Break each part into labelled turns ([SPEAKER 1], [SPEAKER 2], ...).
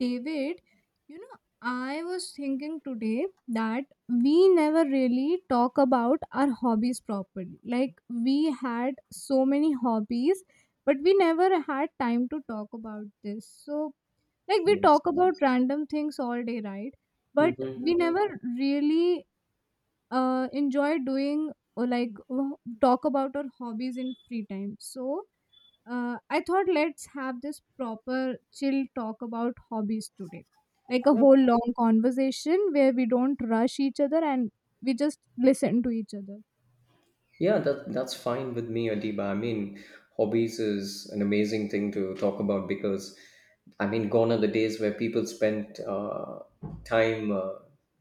[SPEAKER 1] David, you know, I was thinking today that we never really talk about our hobbies properly. Like, we had so many hobbies, but we never had time to talk about this. So, like, we
[SPEAKER 2] Yes.
[SPEAKER 1] talk about random things all day, right? But we
[SPEAKER 2] Hmm.
[SPEAKER 1] never really enjoy doing or talk about our hobbies in free time. So, I thought let's have this proper chill talk about hobbies today. Like a whole long conversation where we don't rush each other and we just listen to each other.
[SPEAKER 2] Yeah, that's fine with me, Adiba. I mean, hobbies is an amazing thing to talk about because, I mean, gone are the days where people spent time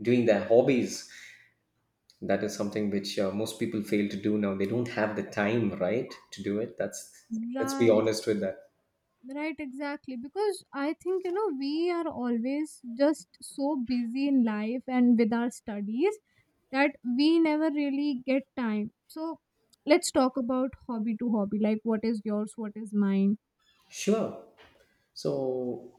[SPEAKER 2] doing their hobbies. That is something which most people fail to do now. They don't have the time, right, to do it. That's Let's be
[SPEAKER 1] Right,
[SPEAKER 2] honest with that.
[SPEAKER 1] right, exactly. Because I think, you know, we are always just so busy in life and with our studies that we never really get time. So let's talk about hobby to hobby. Like, what is yours? What is mine?
[SPEAKER 2] Sure. So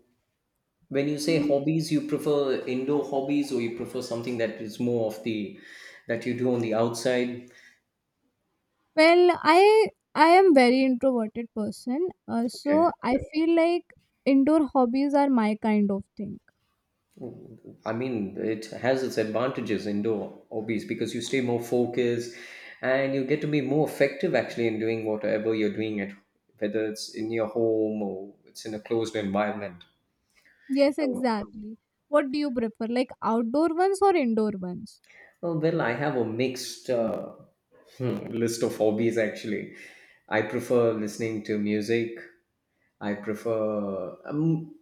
[SPEAKER 2] when you say hobbies, you prefer indoor hobbies or you prefer something that is more of the that you do on the outside?
[SPEAKER 1] Well, I am very introverted person, so
[SPEAKER 2] Okay.
[SPEAKER 1] I feel like indoor hobbies are my kind of thing.
[SPEAKER 2] I mean, it has its advantages indoor hobbies because you stay more focused and you get to be more effective actually in doing whatever you're doing it, whether it's in your home or it's in a closed environment.
[SPEAKER 1] Yes,
[SPEAKER 2] Oh,
[SPEAKER 1] exactly. What do you prefer, like outdoor ones or indoor ones?
[SPEAKER 2] oh, well, I have a mixed list of hobbies actually. I prefer listening to music. I prefer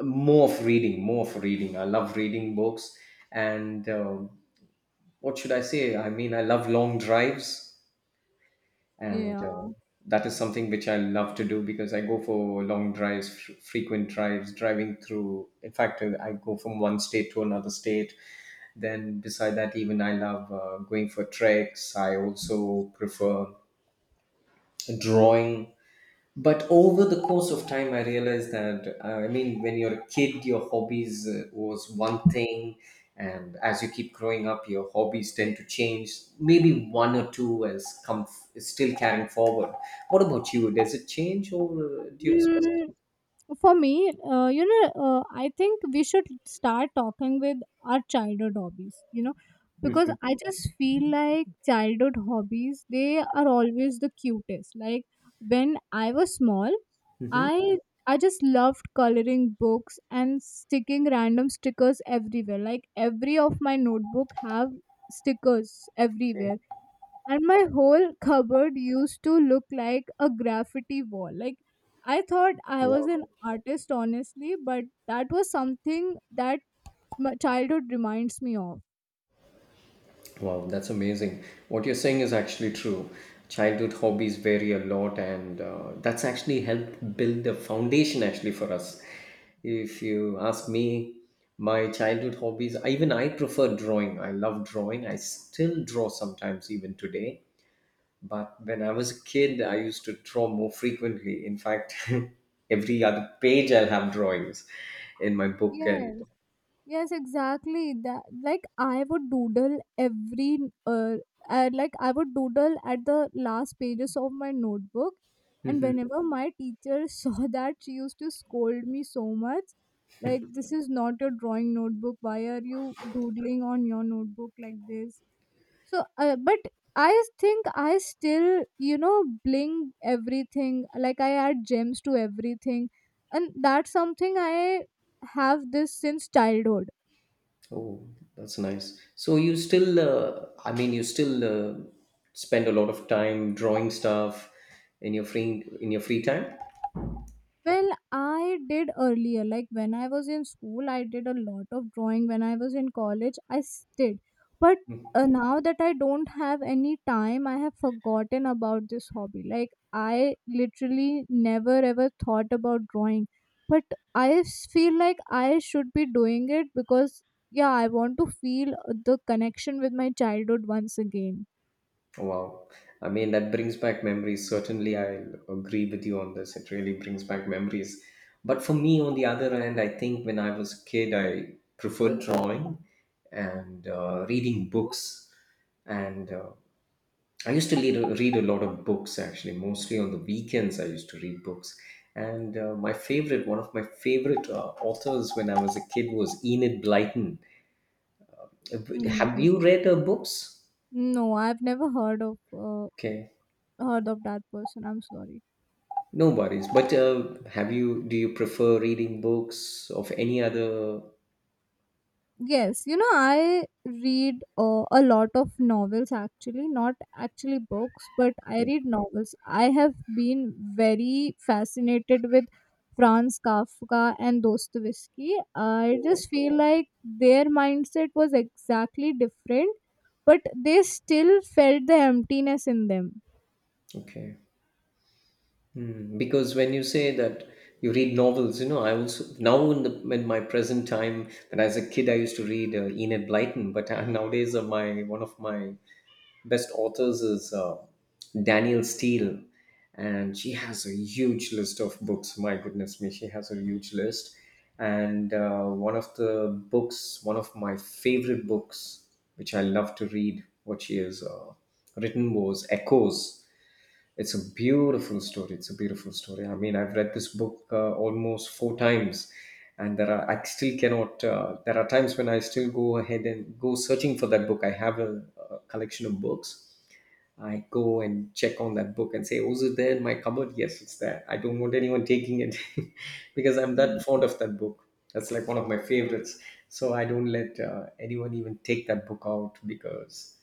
[SPEAKER 2] more of more of reading. I love reading books and what should I say? I mean, I love long drives, and
[SPEAKER 1] Yeah.
[SPEAKER 2] that is something which I love to do because I go for long drives, frequent drives, driving through. In fact, I go from one state to another state. Then, beside that, even I love going for treks. I also prefer drawing, but over the course of time I realized that, I mean, when you're a kid your hobbies, was one thing, and as you keep growing up your hobbies tend to change. Maybe one or two has come is still carrying forward. What about you? Does it change, or, do you...
[SPEAKER 1] Hmm, for me you know I think we should start talking with our childhood hobbies, you know, because
[SPEAKER 2] Hmm.
[SPEAKER 1] I just feel like childhood hobbies, they are always the cutest. Like when I was small,
[SPEAKER 2] Hmm.
[SPEAKER 1] i I just loved coloring books and sticking random stickers everywhere. Like every of my notebook have stickers
[SPEAKER 2] Okay.
[SPEAKER 1] everywhere, and my whole cupboard used to look like a graffiti wall. Like I thought I was
[SPEAKER 2] Wow.
[SPEAKER 1] an artist, honestly, but that was something that my childhood reminds me of.
[SPEAKER 2] Wow, that's amazing. What you're saying is actually true. Childhood hobbies vary a lot, and that's actually helped build the foundation actually for us. If you ask me, my childhood hobbies, even I prefer drawing. I love drawing. I still draw sometimes even today. But when I was a kid, I used to draw more frequently. In fact, every other page I'll have drawings in my book, and...
[SPEAKER 1] Yes, yes, exactly. That like I would doodle every uh, like I would doodle at the last pages of my notebook, and whenever my teacher saw that, she used to scold me so much. Like this is not your drawing notebook. Why are you doodling on your notebook like this? So, but I think I still, you know, bling everything. Like I add gems to everything, and that's something I have this since childhood.
[SPEAKER 2] Oh, that's nice. So you still, I mean, you still spend a lot of time drawing stuff in your free time.
[SPEAKER 1] Well, I did earlier. Like when I was in school, I did a lot of drawing. When I was in college, did. But
[SPEAKER 2] Mm.
[SPEAKER 1] now that I don't have any time, I have forgotten about this hobby. Like I literally never ever thought about drawing. But feel like I should be doing it because, yeah, I want to feel the connection with my childhood once again.
[SPEAKER 2] Wow. I mean, that brings back memories. Certainly, I agree with you on this. It really brings back memories. But for me, on the other hand, I think when I was a kid, I preferred drawing and reading books and I used to read a lot of books actually, mostly on the weekends. I used to read books. And my favorite, one of my favorite authors when I was a kid was Enid Blyton. But have
[SPEAKER 1] Mm.
[SPEAKER 2] you read her books?
[SPEAKER 1] No, I've never heard of
[SPEAKER 2] Okay,
[SPEAKER 1] heard of that person. I'm sorry.
[SPEAKER 2] no worries. But do you prefer reading books of any other?
[SPEAKER 1] Yes, you know, I read a lot of novels actually, not actually books, but I
[SPEAKER 2] Okay.
[SPEAKER 1] read novels. I have been very fascinated with Franz Kafka and Dostoevsky. I
[SPEAKER 2] Oh,
[SPEAKER 1] just feel like their mindset was exactly different, but they still felt the emptiness in them.
[SPEAKER 2] okay. Because when you say that you read novels, I also now in the in my present time, when as a kid, I used to read Enid Blyton, but nowadays my one of my best authors is Daniel Steele, and she has a huge list of books. My goodness me, she has a huge list. And one of the books, one of my favorite books, which I love to read, what she has written was Echoes. It's a beautiful story. It's a beautiful story. I mean, I've read this book almost 4 times, and there are I still cannot. There are times when I still go ahead and go searching for that book. I have a collection of books. I go and check on that book and say, "Oh, is it there in my cupboard?" Yes, it's there. I don't want anyone taking it because I'm that fond
[SPEAKER 1] Yes,
[SPEAKER 2] of that book. That's like one of my favorites. So I don't let anyone even take that book out because...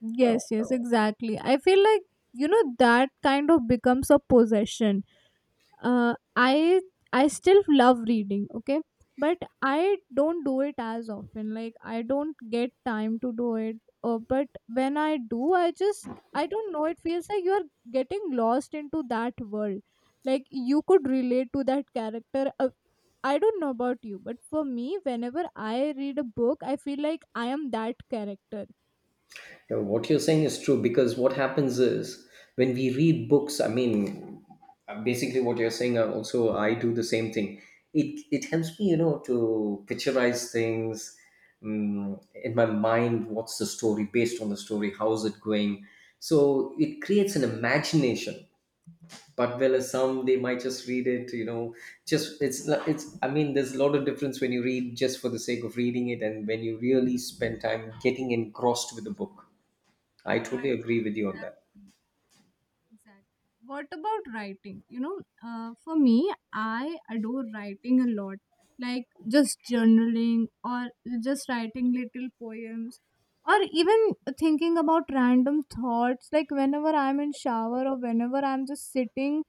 [SPEAKER 1] yes, exactly. I feel like, you know, that kind of becomes a possession. I still love reading, okay, but I don't do it as often. Like I don't get time to do it. But when I do, I just, I don't know, it feels like you are getting lost into that world. Like you could relate to that character. I don't know about you, but for me, whenever I read a book, I feel like I am that character.
[SPEAKER 2] Yeah, what you're saying is true because what happens is when we read books, I mean, basically what you're saying, also I do the same thing. It helps me, to picturize things in my mind. What's the story based on the story? How's it going? So it creates an imagination. But well, as some they might just read it, just it's not- it's. I mean, there's a lot of difference when you read just for the sake of reading it, and when you really spend time getting engrossed with the book. I totally
[SPEAKER 1] Right.
[SPEAKER 2] agree with you on that.
[SPEAKER 1] Exactly. Exactly. What about writing? You know, for me, I adore writing a lot. Like just journaling or just writing little poems or even thinking about random thoughts. Like whenever I'm in shower or whenever I'm just sitting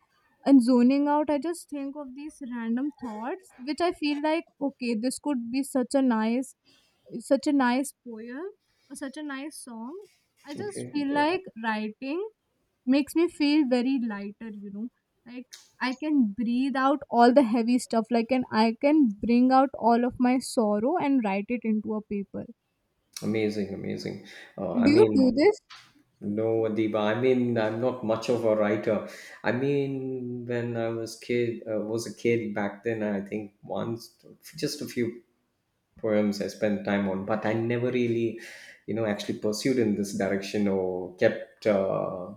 [SPEAKER 1] and zoning out, I just think of these random thoughts, which I feel like, okay, this could be such a nice poem or such a nice song. I just
[SPEAKER 2] Okay.
[SPEAKER 1] feel like writing makes me feel very lighter, you know, like I can breathe out all the heavy stuff, like, and I can bring out all of my sorrow and write it into a paper.
[SPEAKER 2] Amazing, amazing.
[SPEAKER 1] Do
[SPEAKER 2] I
[SPEAKER 1] you do
[SPEAKER 2] mean,
[SPEAKER 1] this?
[SPEAKER 2] no, Adiba. I mean, I'm not much of a writer. I mean, when I was a kid back then, I think once, just a few poems I spent time on, but I never really, actually pursued in this direction or kept uh,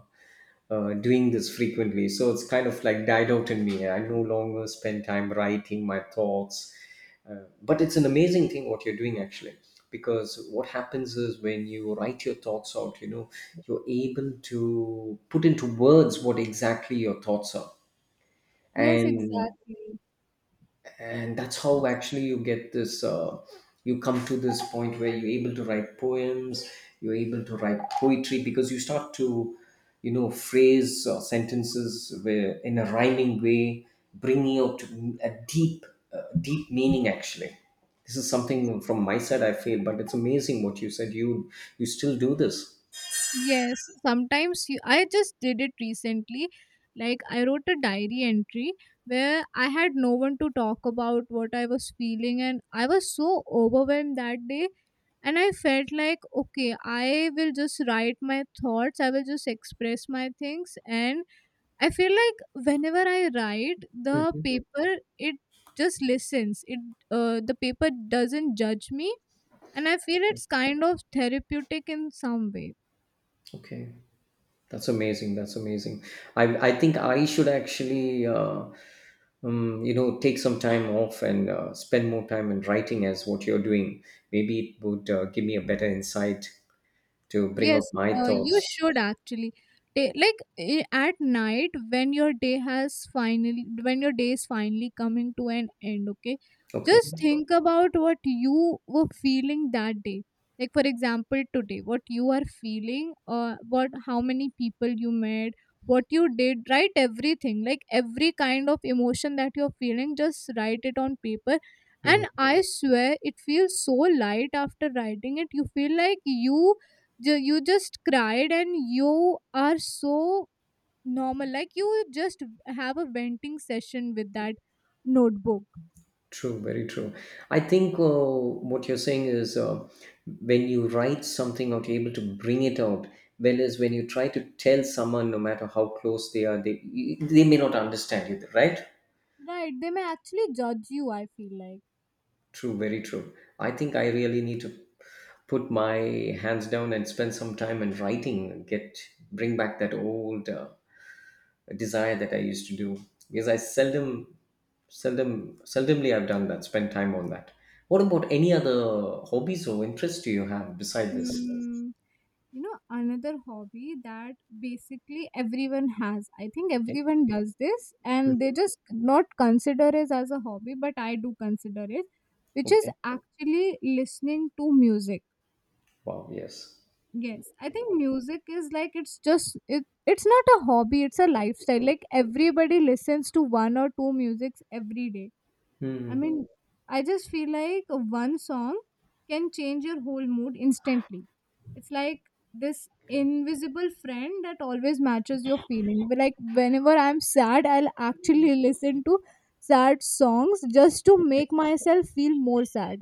[SPEAKER 2] uh, doing this frequently. So it's kind of like died out in me. I no longer spend time writing my thoughts. But it's an amazing thing what you're doing actually, because what happens is when you write your thoughts out, you're able to put into words what exactly your thoughts are,
[SPEAKER 1] Yes,
[SPEAKER 2] and
[SPEAKER 1] exactly.
[SPEAKER 2] and that's how actually you get this. You come to this point where you're able to write poems, you're able to write poetry, because you start to phrase sentences where, in a rhyming way, bringing out a deep meaning actually. This is something from my side I feel, but it's amazing what you said, you still do this.
[SPEAKER 1] Yes, sometimes you, I just did it recently. Like I wrote a diary entry where I had no one to talk about what I was feeling, and I was so overwhelmed that day, and I felt like, okay, I will just write my thoughts, I will just express my things. And I feel like whenever I write the
[SPEAKER 2] Mhm.
[SPEAKER 1] paper, it just listens it. The paper doesn't judge me, and I feel it's kind of therapeutic in some way.
[SPEAKER 2] Okay, that's amazing, that's amazing. I i think I should actually take some time off and spend more time in writing as what you're doing. Maybe it would give me a better insight to bring up
[SPEAKER 1] Yes,
[SPEAKER 2] my
[SPEAKER 1] you
[SPEAKER 2] thoughts.
[SPEAKER 1] should actually. At night when your day has finally, when your day is finally coming to an end, okay,
[SPEAKER 2] Okay.
[SPEAKER 1] just think about what you were feeling that day. Like for example, today, what you are feeling, what, how many people you met, what you did, write everything. Like every kind of emotion that you're feeling, just write it on paper. And
[SPEAKER 2] Mm.
[SPEAKER 1] I swear, it feels so light after writing it. You feel like you just cried and you are so normal, like you just have a venting session with that notebook.
[SPEAKER 2] True, very true. I think, what you're saying is, when you write something out you're able to bring it out, whereas when you try to tell someone no matter how close they are, they may not understand you, right?
[SPEAKER 1] Right, they may actually judge you, I feel like.
[SPEAKER 2] True, very true. I think I really need to put my hands down and spend some time in writing, get bring back that old desire that I used to do, because I seldomly I've done that. Spend time on that. What about any other hobbies or interests do you have beside this?
[SPEAKER 1] mm, You know, another hobby that basically everyone has. I think
[SPEAKER 2] Okay.
[SPEAKER 1] everyone does this and they
[SPEAKER 2] Mhm.
[SPEAKER 1] just not consider it as a hobby, but I do consider it, which is
[SPEAKER 2] Okay.
[SPEAKER 1] actually listening to music.
[SPEAKER 2] Wow. Yes.
[SPEAKER 1] Yes, I think music is like it's just it's not a hobby, it's a lifestyle. Like everybody listens to one or two musics every day. I
[SPEAKER 2] Hmm.
[SPEAKER 1] mean, I just feel like one song can change your whole mood instantly. It's like this invisible friend that always matches your feeling. But, like whenever I'm sad, I'll actually listen to sad songs just to make myself feel more sad.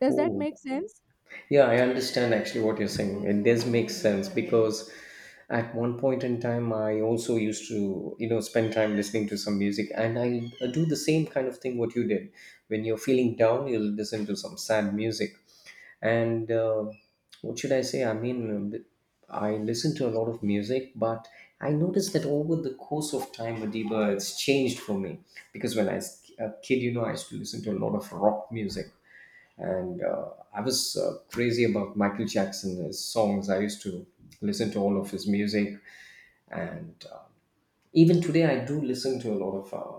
[SPEAKER 1] Does that
[SPEAKER 2] Oh,
[SPEAKER 1] make sense?
[SPEAKER 2] yeah, I understand actually what you're saying. It does make sense because at one point in time, I also used to, spend time listening to some music, and I do the same kind of thing what you did. When you're feeling down, you'll listen to some sad music. And what should I say? I mean, I listen to a lot of music, but I noticed that over the course of time, Madiba, it's changed for me. Because when I was a kid, I used to listen to a lot of rock music and I was crazy about Michael Jackson, his songs. I used to listen to all of his music, and even today I do listen to a lot of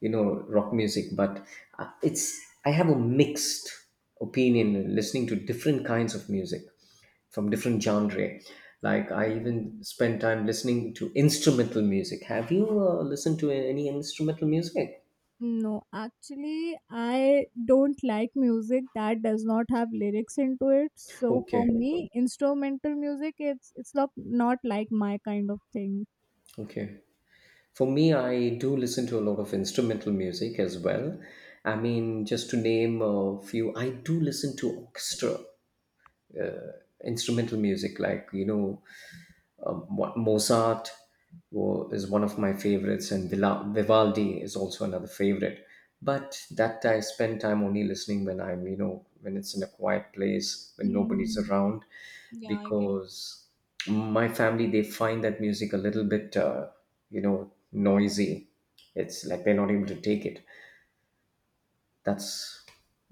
[SPEAKER 2] rock music. But it's I have a mixed opinion listening to different kinds of music from different genre. Like I even spend time listening to instrumental music. Have you listened to any instrumental music?
[SPEAKER 1] No, actually, I don't like music that does not have lyrics into it. So for
[SPEAKER 2] Okay,
[SPEAKER 1] me, instrumental music, it's not not like my kind of thing.
[SPEAKER 2] okay. For me, I do listen to a lot of instrumental music as well. I mean, just to name a few, I do listen to orchestra instrumental music, like, Mozart is one of my favorites, and Vivaldi is also another favorite. But that I spend time only listening when I'm, when it's in a quiet place, when nobody's
[SPEAKER 1] Hmm.
[SPEAKER 2] around,
[SPEAKER 1] Yeah, I get it.
[SPEAKER 2] because my family they find that music a little bit, noisy. It's like they're not able to take it. That's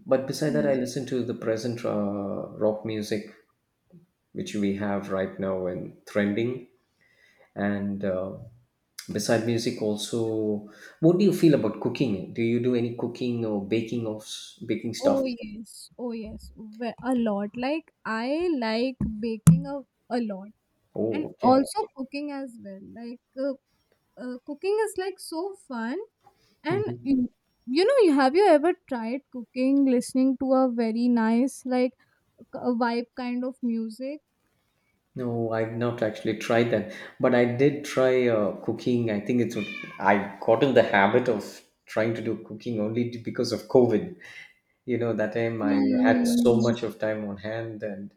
[SPEAKER 2] But beside that, I
[SPEAKER 1] Mm.
[SPEAKER 2] listen to the present rock music which we have right now and trending, and beside music also, what do you feel about cooking? Do you do any cooking or baking baking stuff?
[SPEAKER 1] Oh yes, oh yes, a lot. Like I like baking a lot and
[SPEAKER 2] Oh, okay.
[SPEAKER 1] also cooking as well. Like cooking is like so fun. And
[SPEAKER 2] Mhm.
[SPEAKER 1] you know, you have you ever tried cooking listening to a very nice like a vibe kind of music?
[SPEAKER 2] No, I've not actually tried that, but I did try cooking. I think it's I got in the habit of trying to do cooking only because of COVID. You know that time I had so
[SPEAKER 1] Hmm.
[SPEAKER 2] much of time on hand, and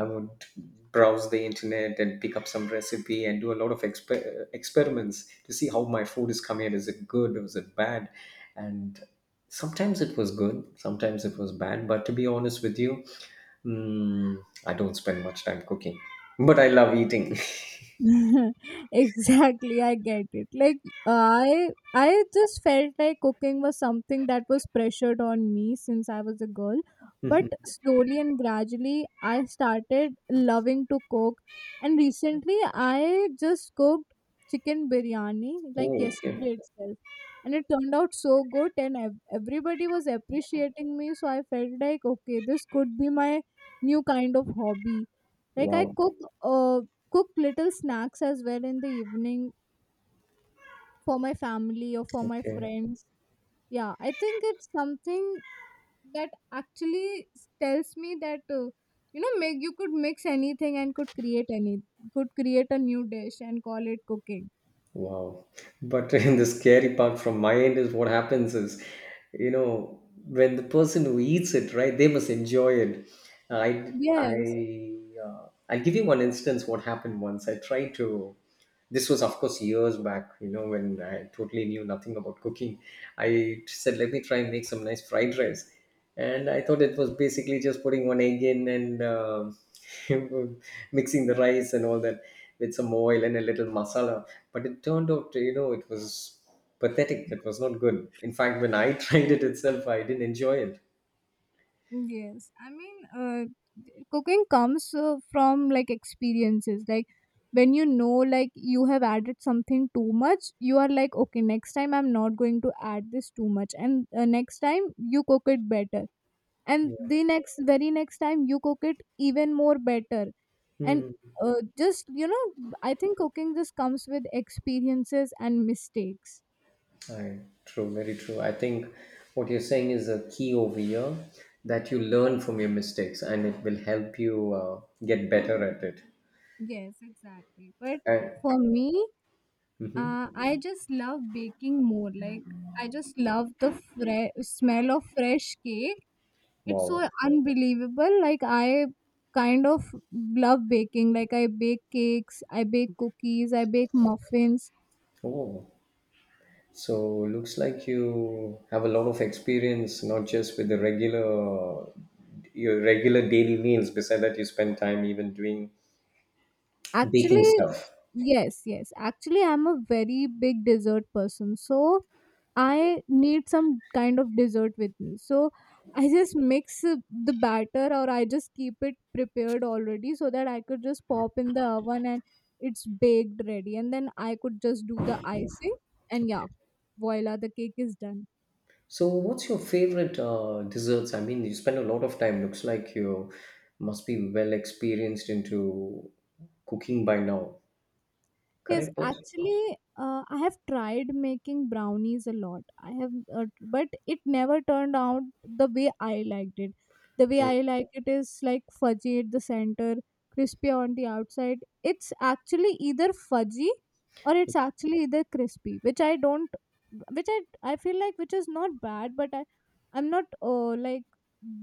[SPEAKER 2] I would browse the internet and pick up some recipe and do a lot of experiments to see how my food is coming out, is it good, is it bad. And sometimes it was good, sometimes it was bad, but to be honest with you mm, I don't spend much time cooking, but I love eating.
[SPEAKER 1] Exactly, I get it. Like i I just felt like cooking was something that was pressured on me since I was a girl, but slowly and gradually, I started loving to cook. And recently, I just cooked chicken biryani like
[SPEAKER 2] Oh, okay.
[SPEAKER 1] yesterday itself, and it turned out so good and everybody was appreciating me, so I felt like, okay, this could be my new kind of hobby. Like I
[SPEAKER 2] Wow.
[SPEAKER 1] cook, uh, cook little snacks as well in the evening for my family or for my
[SPEAKER 2] Okay.
[SPEAKER 1] friends. Yeah, I think it's something that actually tells me that, you know, make you could mix anything and could create any could create a new dish and call it cooking.
[SPEAKER 2] Wow. But in the scary part from my end is what happens is, you know, when the person who eats it, right, they must enjoy it. I,
[SPEAKER 1] Yes.
[SPEAKER 2] I, uh, I'll give you one instance what happened once. This was, of course, years back, you know, when I totally knew nothing about cooking. I said, let me try and make some nice fried rice, and I thought it was basically just putting one egg in and mixing the rice and all that with some oil and a little masala. But it turned out, you know, it was pathetic. It was not good. In fact, when I tried it itself, I didn't enjoy it.
[SPEAKER 1] Yes, I mean, cooking comes from like experiences. Like when you know, like you have added something too much, you are like, okay, next time I'm not going to add this too much, and next time you cook it better, and
[SPEAKER 2] Yeah.
[SPEAKER 1] the next very next time you cook it even more better, and
[SPEAKER 2] Hmm.
[SPEAKER 1] just you know, I think cooking just comes with experiences and mistakes.
[SPEAKER 2] I, True, very true. I think what you're saying is a key over here, that you learn from your mistakes and it will help you get better at it.
[SPEAKER 1] Yes, exactly. But
[SPEAKER 2] And,
[SPEAKER 1] for me,
[SPEAKER 2] Mhm.
[SPEAKER 1] I just love baking more. Like I just love the smell of fresh cake. It's so
[SPEAKER 2] Wow.
[SPEAKER 1] unbelievable. Like I kind of love baking. Like I bake cakes, I bake cookies, I bake muffins.
[SPEAKER 2] Oh. So looks like you have a lot of experience, not just with the regular, your regular daily meals. Beside that, you spend time even doing baking
[SPEAKER 1] Actually,
[SPEAKER 2] stuff.
[SPEAKER 1] yes, yes. Actually, I'm a very big dessert person. So I need some kind of dessert with me. So I just mix the batter or I just keep it prepared already so that I could just pop in the oven and it's baked ready. And then I could just do the icing. And yeah,
[SPEAKER 2] Okay.
[SPEAKER 1] voila, the cake is done.
[SPEAKER 2] So what's your favorite desserts? I mean, you spend a lot of time. Looks like you must be well experienced into cooking by now.
[SPEAKER 1] Yes,
[SPEAKER 2] Correct?
[SPEAKER 1] actually, I have tried making brownies a lot. I have, but it never turned out the way I liked it. The way I like it is like fudgy at the center, crispy on the outside. It's actually either fudgy or it's actually either crispy, which I don't, which I feel like which is not bad, but I'm not like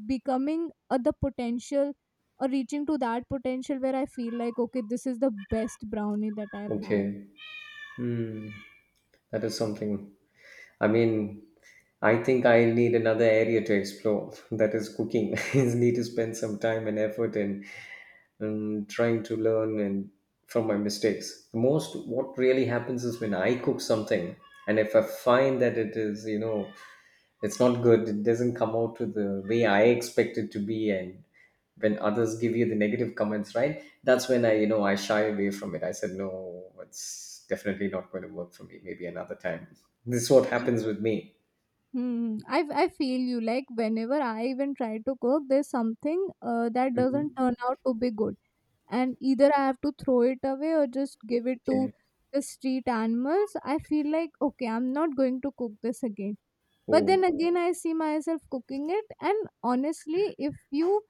[SPEAKER 1] becoming the potential or reaching to that potential where I feel like okay, this is the best brownie that I've had.
[SPEAKER 2] Okay. Hmm. That is something. I mean, I think I need another area to explore. That is cooking. I need to spend some time and effort in and trying to learn and from my mistakes. Most what really happens is when I cook something and if I find that it is, you know, it's not good, it doesn't come out to the way I expect it to be, and when others give you the negative comments, right, that's when I, you know, I shy away from it. I said no, it's definitely not going to work for me, maybe another time. This is what happens with me.
[SPEAKER 1] Hmm. I feel you. Like whenever I even try to cook, there's something that doesn't
[SPEAKER 2] Hmm.
[SPEAKER 1] turn out to be good, and either I have to throw it away or just give it to
[SPEAKER 2] Okay.
[SPEAKER 1] the street animals. I feel like okay, I'm not going to cook this again. But then
[SPEAKER 2] Oh.
[SPEAKER 1] again, I see myself cooking it, and honestly, if you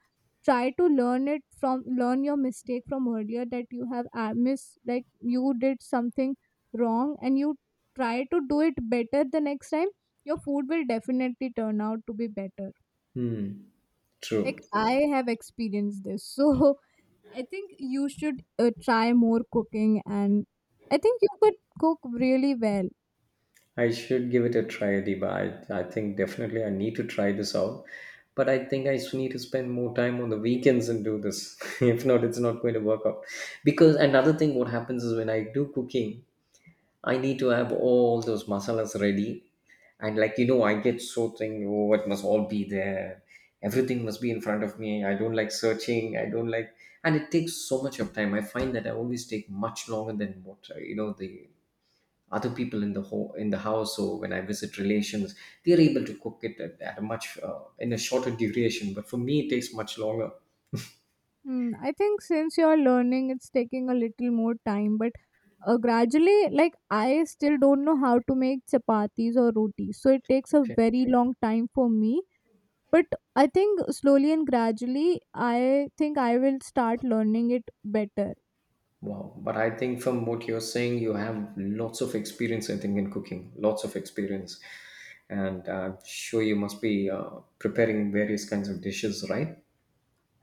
[SPEAKER 1] try to learn it from learn your mistake from earlier that you have miss like you did something wrong and you try to do it better the next time, your food will definitely turn out to be better like
[SPEAKER 2] True.
[SPEAKER 1] I have experienced this. So I think you should try more cooking, and I think you could cook really well.
[SPEAKER 2] I should give it a try, Adiba. I think definitely I need to try this out. But I think I need to spend more time on the weekends and do this. If not, it's not going to work out. Because another thing, what happens is when I do cooking, I need to have all those masalas ready. And like, you know, I get so thing, oh, it must all be there. Everything must be in front of me. I don't like searching. I don't like, And it takes so much of time. I find that I always take much longer than what, you know, the other people in the ho in the house, or when I visit relations, they're able to cook it at, a much in a shorter duration, but for me it takes much longer.
[SPEAKER 1] Hmm, I think since you're learning, it's taking a little more time, but gradually, like I still don't know how to make chapatis or rotis, so it takes a
[SPEAKER 2] Okay.
[SPEAKER 1] very long time for me. But I think slowly and gradually, I think I will start learning it better.
[SPEAKER 2] Wow, but I think from what you're saying, you have lots of experience, I think, in cooking, lots of experience, and I'm sure you must be preparing various kinds of dishes, right?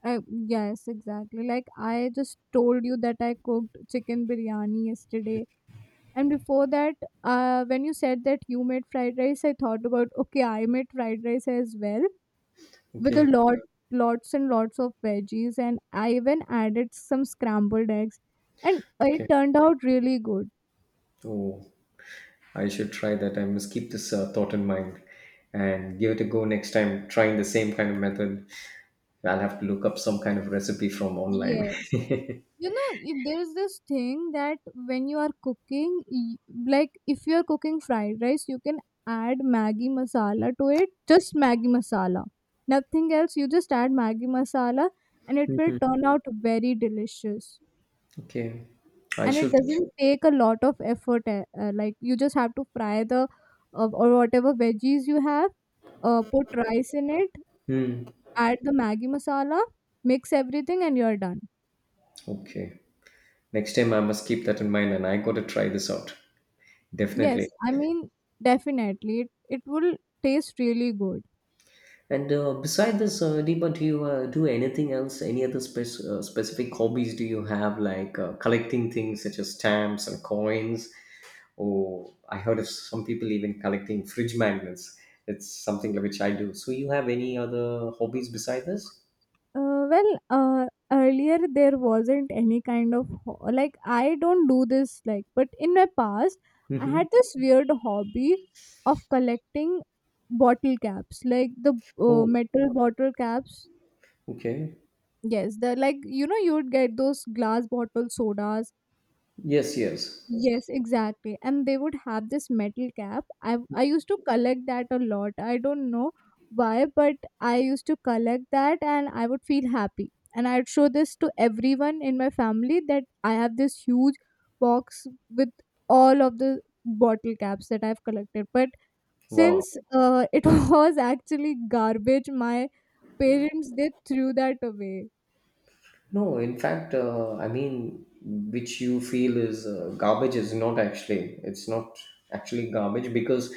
[SPEAKER 1] Yes, exactly. Like I just told you that I cooked chicken biryani yesterday, and before that, when you said that you made fried rice, I thought about okay, I made fried rice as well with a
[SPEAKER 2] Okay.
[SPEAKER 1] lot lots and lots of veggies, and I even added some scrambled eggs, and it
[SPEAKER 2] Okay.
[SPEAKER 1] turned out really good.
[SPEAKER 2] Oh, I should try that. I must keep this thought in mind, and give it a go next time, trying the same kind of method. I'll have to look up some kind of recipe from online.
[SPEAKER 1] Yes, you know, there's this thing that when you are cooking, like if you are cooking fried rice, you can add maggi masala to it, just maggi masala, nothing else. You just add maggi masala and it will turn out very delicious.
[SPEAKER 2] Okay. I
[SPEAKER 1] And it
[SPEAKER 2] should.
[SPEAKER 1] doesn't take a lot of effort, like you just have to fry the or whatever veggies you have, put rice in it,
[SPEAKER 2] Hmm.
[SPEAKER 1] add the maggi masala, mix everything, and you're done.
[SPEAKER 2] Okay. Next time I must keep that in mind and I got to try this out.
[SPEAKER 1] Yes,
[SPEAKER 2] Definitely.
[SPEAKER 1] I mean, definitely it will taste really good.
[SPEAKER 2] And beside this, Deepa, do you do anything else? Any other specific hobbies do you have, like collecting things such as stamps and coins? Or I heard of some people even collecting fridge magnets. It's something which I do. So you have any other hobbies beside this?
[SPEAKER 1] uh, well uh, Earlier there wasn't any kind of like I don't do this like, but in my past I
[SPEAKER 2] Mm-hmm.
[SPEAKER 1] had this weird hobby of collecting bottle caps, like the
[SPEAKER 2] Oh,
[SPEAKER 1] metal bottle caps.
[SPEAKER 2] okay.
[SPEAKER 1] Yes, they're like, you know, you would get those glass bottle sodas.
[SPEAKER 2] Yes, yes.
[SPEAKER 1] Yes, exactly. And they would have this metal cap. I used to collect that a lot. I don't know why, but I used to collect that and I would feel happy. And I'd show this to everyone in my family that I have this huge box with all of the bottle caps that I've collected. But
[SPEAKER 2] Wow.
[SPEAKER 1] since it was actually garbage, my parents they threw that away.
[SPEAKER 2] No, in fact, I mean, which you feel is garbage is not actually, it's not actually garbage, because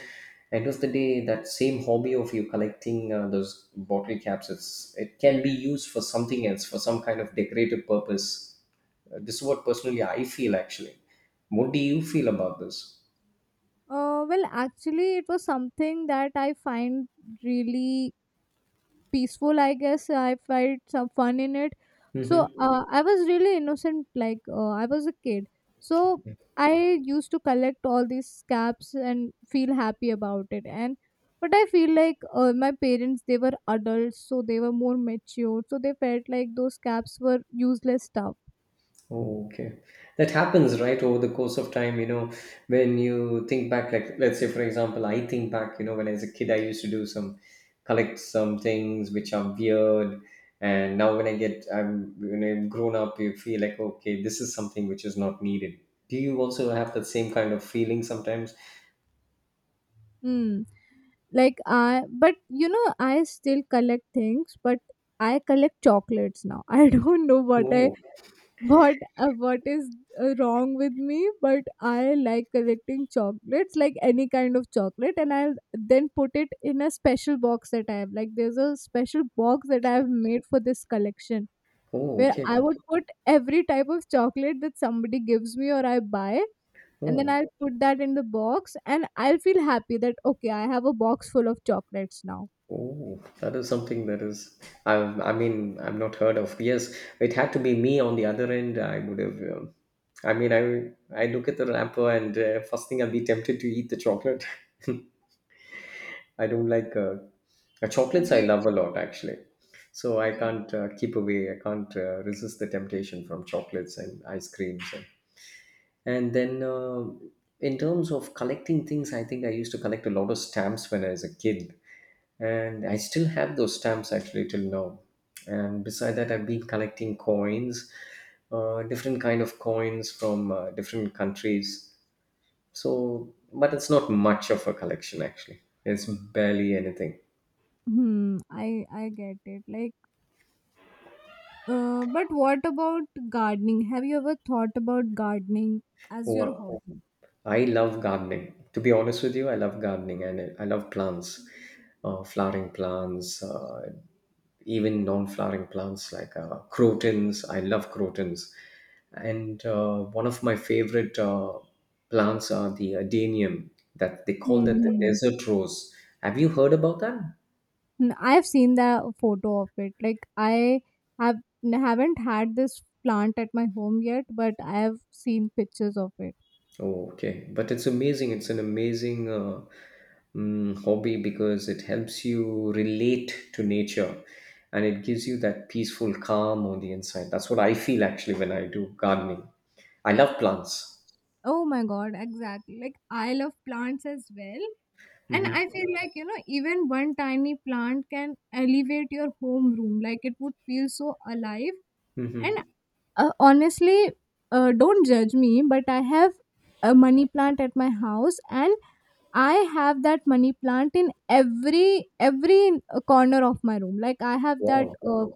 [SPEAKER 2] end of the day, that same hobby of you collecting those bottle caps, it can be used for something else, for some kind of decorative purpose. This is what personally I feel actually. What do you feel about this?
[SPEAKER 1] Well, actually, it was something that I find really peaceful. I guess I felt some fun in it. So
[SPEAKER 2] Hmm.
[SPEAKER 1] I was really innocent, like I was a kid. So I used to collect all these scraps and feel happy about it. And but I feel like my parents they were adults, so they were more mature. So they felt like those scraps were useless stuff.
[SPEAKER 2] Oh, okay. That happens, right, over the course of time, you know, when you think back, like, let's say, for example, I think back, you know, when I was a kid, I used to do some, collect some things which are weird. And now when I get, I'm, when I'm grown up, you feel like, okay, this is something which is not needed. Do you also have that same kind of feeling sometimes?
[SPEAKER 1] Hmm. Like I, but you know, I still collect things, but I collect chocolates now. I don't know what I
[SPEAKER 2] Oh,
[SPEAKER 1] what is wrong with me, but I like collecting chocolates, like any kind of chocolate, and I'll then put it in a special box that I have. Like there's a special box that I have made for this collection
[SPEAKER 2] oh,
[SPEAKER 1] where I
[SPEAKER 2] okay.
[SPEAKER 1] would put every type of chocolate that somebody gives me or I buy, and then
[SPEAKER 2] Oh.
[SPEAKER 1] I'll put that in the box, and I'll feel happy that okay, I have a box full of chocolates now.
[SPEAKER 2] Oh, that is something that is, I mean, I've not heard of. Yes, it had to be me on the other end. I would have, I mean, I look at the wrapper and first thing I'll be tempted to eat the chocolate. I don't like chocolates, I love a
[SPEAKER 1] Waiting.
[SPEAKER 2] lot actually. So I
[SPEAKER 1] Yes.
[SPEAKER 2] can't keep away, I can't resist the temptation from chocolates and ice creams. And then, in terms of collecting things, I think I used to collect a lot of stamps when I was a kid, and I still have those stamps actually till now. And beside that, I've been collecting coins, different kind of coins from different countries. So, but it's not much of a collection actually. It's barely anything.
[SPEAKER 1] Hmm, I get it. Like, but what about gardening? Have you ever thought about gardening as your
[SPEAKER 2] Well,
[SPEAKER 1] hobby?
[SPEAKER 2] I love gardening. To be honest with you, I love gardening and I love plants, flowering plants, even non-flowering plants like crotons. I love crotons, and one of my favorite plants are the adenium, that they call that the
[SPEAKER 1] Hmm.
[SPEAKER 2] desert rose. Have you heard about that?
[SPEAKER 1] I've seen the photo of it. Like, I have haven't had this plant at my home yet, but I have seen pictures of it.
[SPEAKER 2] Oh, okay, but it's amazing. It's an amazing hobby because it helps you relate to nature, and it gives you that peaceful calm on the inside. That's what I feel actually when I do gardening. I love plants.
[SPEAKER 1] Oh my God, exactly. Like I love plants as well. And I
[SPEAKER 2] Hmm.
[SPEAKER 1] feel like, you know, even one tiny plant can elevate your home room. Like it would feel so alive. And
[SPEAKER 2] Hmm.
[SPEAKER 1] honestly, don't judge me, but I have a money plant at my house, and I have that money plant in every corner of my room. Like I have that
[SPEAKER 2] Wow.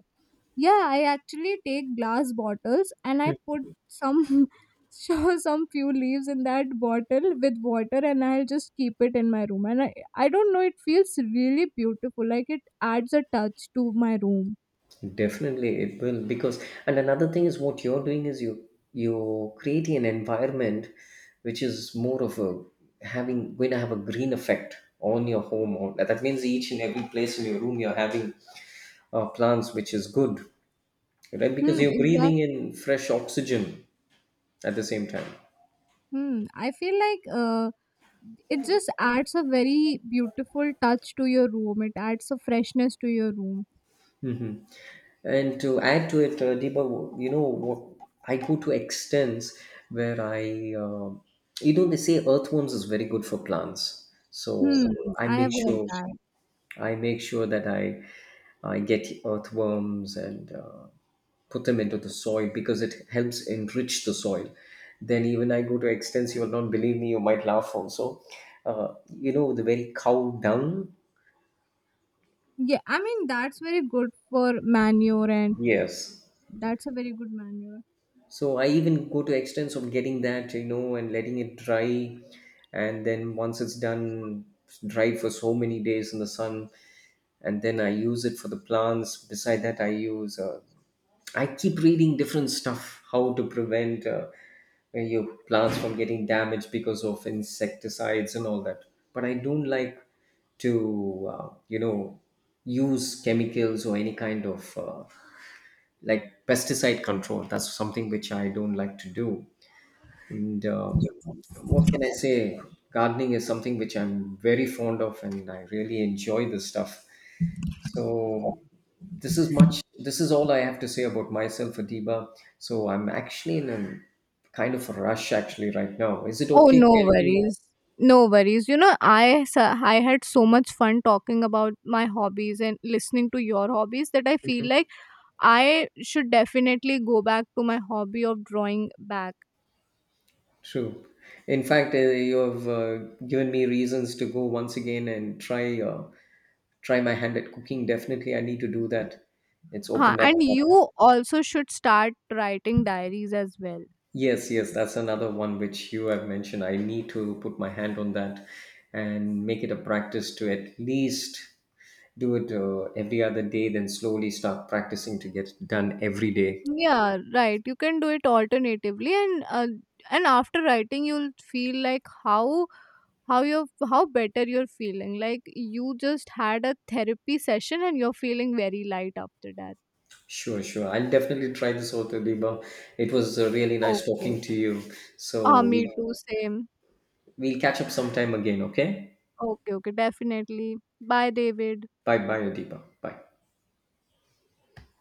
[SPEAKER 1] yeah, I actually take glass bottles and I put some some few leaves in that bottle with water, and I'll just keep it in my room. And I don't know, it feels really beautiful. Like it adds a touch to my room.
[SPEAKER 2] Definitely, it will, because and another thing is what you're doing is you're creating an environment which is more of a having going to have a green effect on your home. Or that means each and every place in your room you're having plants, which is good, right? Because
[SPEAKER 1] Hmm,
[SPEAKER 2] you're breathing
[SPEAKER 1] exactly.
[SPEAKER 2] in fresh oxygen at the same time.
[SPEAKER 1] Hmm. I feel like it just adds a very beautiful touch to your room. It adds a freshness to your room.
[SPEAKER 2] Hmm. And to add to it, Deepa, you know, what, I go to extents where I, um, you know, they say earthworms is very good for plants.
[SPEAKER 1] Hmm.
[SPEAKER 2] So I
[SPEAKER 1] I have
[SPEAKER 2] make
[SPEAKER 1] heard
[SPEAKER 2] sure,
[SPEAKER 1] that.
[SPEAKER 2] I make sure that I get earthworms and put them into the soil because it helps enrich the soil. Then even I go to extents, you will not believe me, you might laugh also. You know, the very cow dung.
[SPEAKER 1] Yeah, I mean that's very good for manure, and
[SPEAKER 2] Yes,
[SPEAKER 1] that's a very good manure.
[SPEAKER 2] so I even go to extents of getting that, you know, and letting it dry, and then once it's done, it's dried for so many days in the sun, and then I use it for the plants. Beside that, I use. I keep reading different stuff how to prevent your plants from getting damaged because of insecticides and all that. But I don't like to, you know, use chemicals or any kind of like pesticide control. That's something which I don't like to do. And um, what can I say? Gardening is something which I'm very fond of, and I really enjoy this stuff. So this is much. This is all I have to say about myself, Adiba. So I'm actually in a kind of a rush actually right now. Is it
[SPEAKER 1] Oh,
[SPEAKER 2] okay?
[SPEAKER 1] no
[SPEAKER 2] Can we
[SPEAKER 1] worries. No worries. You know, I I had so much fun talking about my hobbies and listening to your hobbies that I feel like I should definitely go back to my hobby of drawing back.
[SPEAKER 2] True. In fact, you have given me reasons to go once again and try try my hand at cooking. Definitely, I need to do that. It's
[SPEAKER 1] Huh.
[SPEAKER 2] opened
[SPEAKER 1] And
[SPEAKER 2] up.
[SPEAKER 1] you also should start writing diaries as well.
[SPEAKER 2] Yes, yes, that's another one which you have mentioned. I need to put my hand on that and make it a practice to at least do it every other day, then slowly start practicing to get it done every day.
[SPEAKER 1] Yeah, right. You can do it alternatively, and and after writing, you'll feel like how you how better you're feeling. Like you just had a therapy session, and you're feeling very light after that.
[SPEAKER 2] Sure, sure. I'll definitely try this out, Adiba. It was really nice
[SPEAKER 1] Okay.
[SPEAKER 2] talking to you.
[SPEAKER 1] Ah,
[SPEAKER 2] So
[SPEAKER 1] me
[SPEAKER 2] we
[SPEAKER 1] too, same.
[SPEAKER 2] We'll catch up sometime again, okay?
[SPEAKER 1] Okay, okay, definitely. Bye, David.
[SPEAKER 2] Bye bye, Adipa. Bye.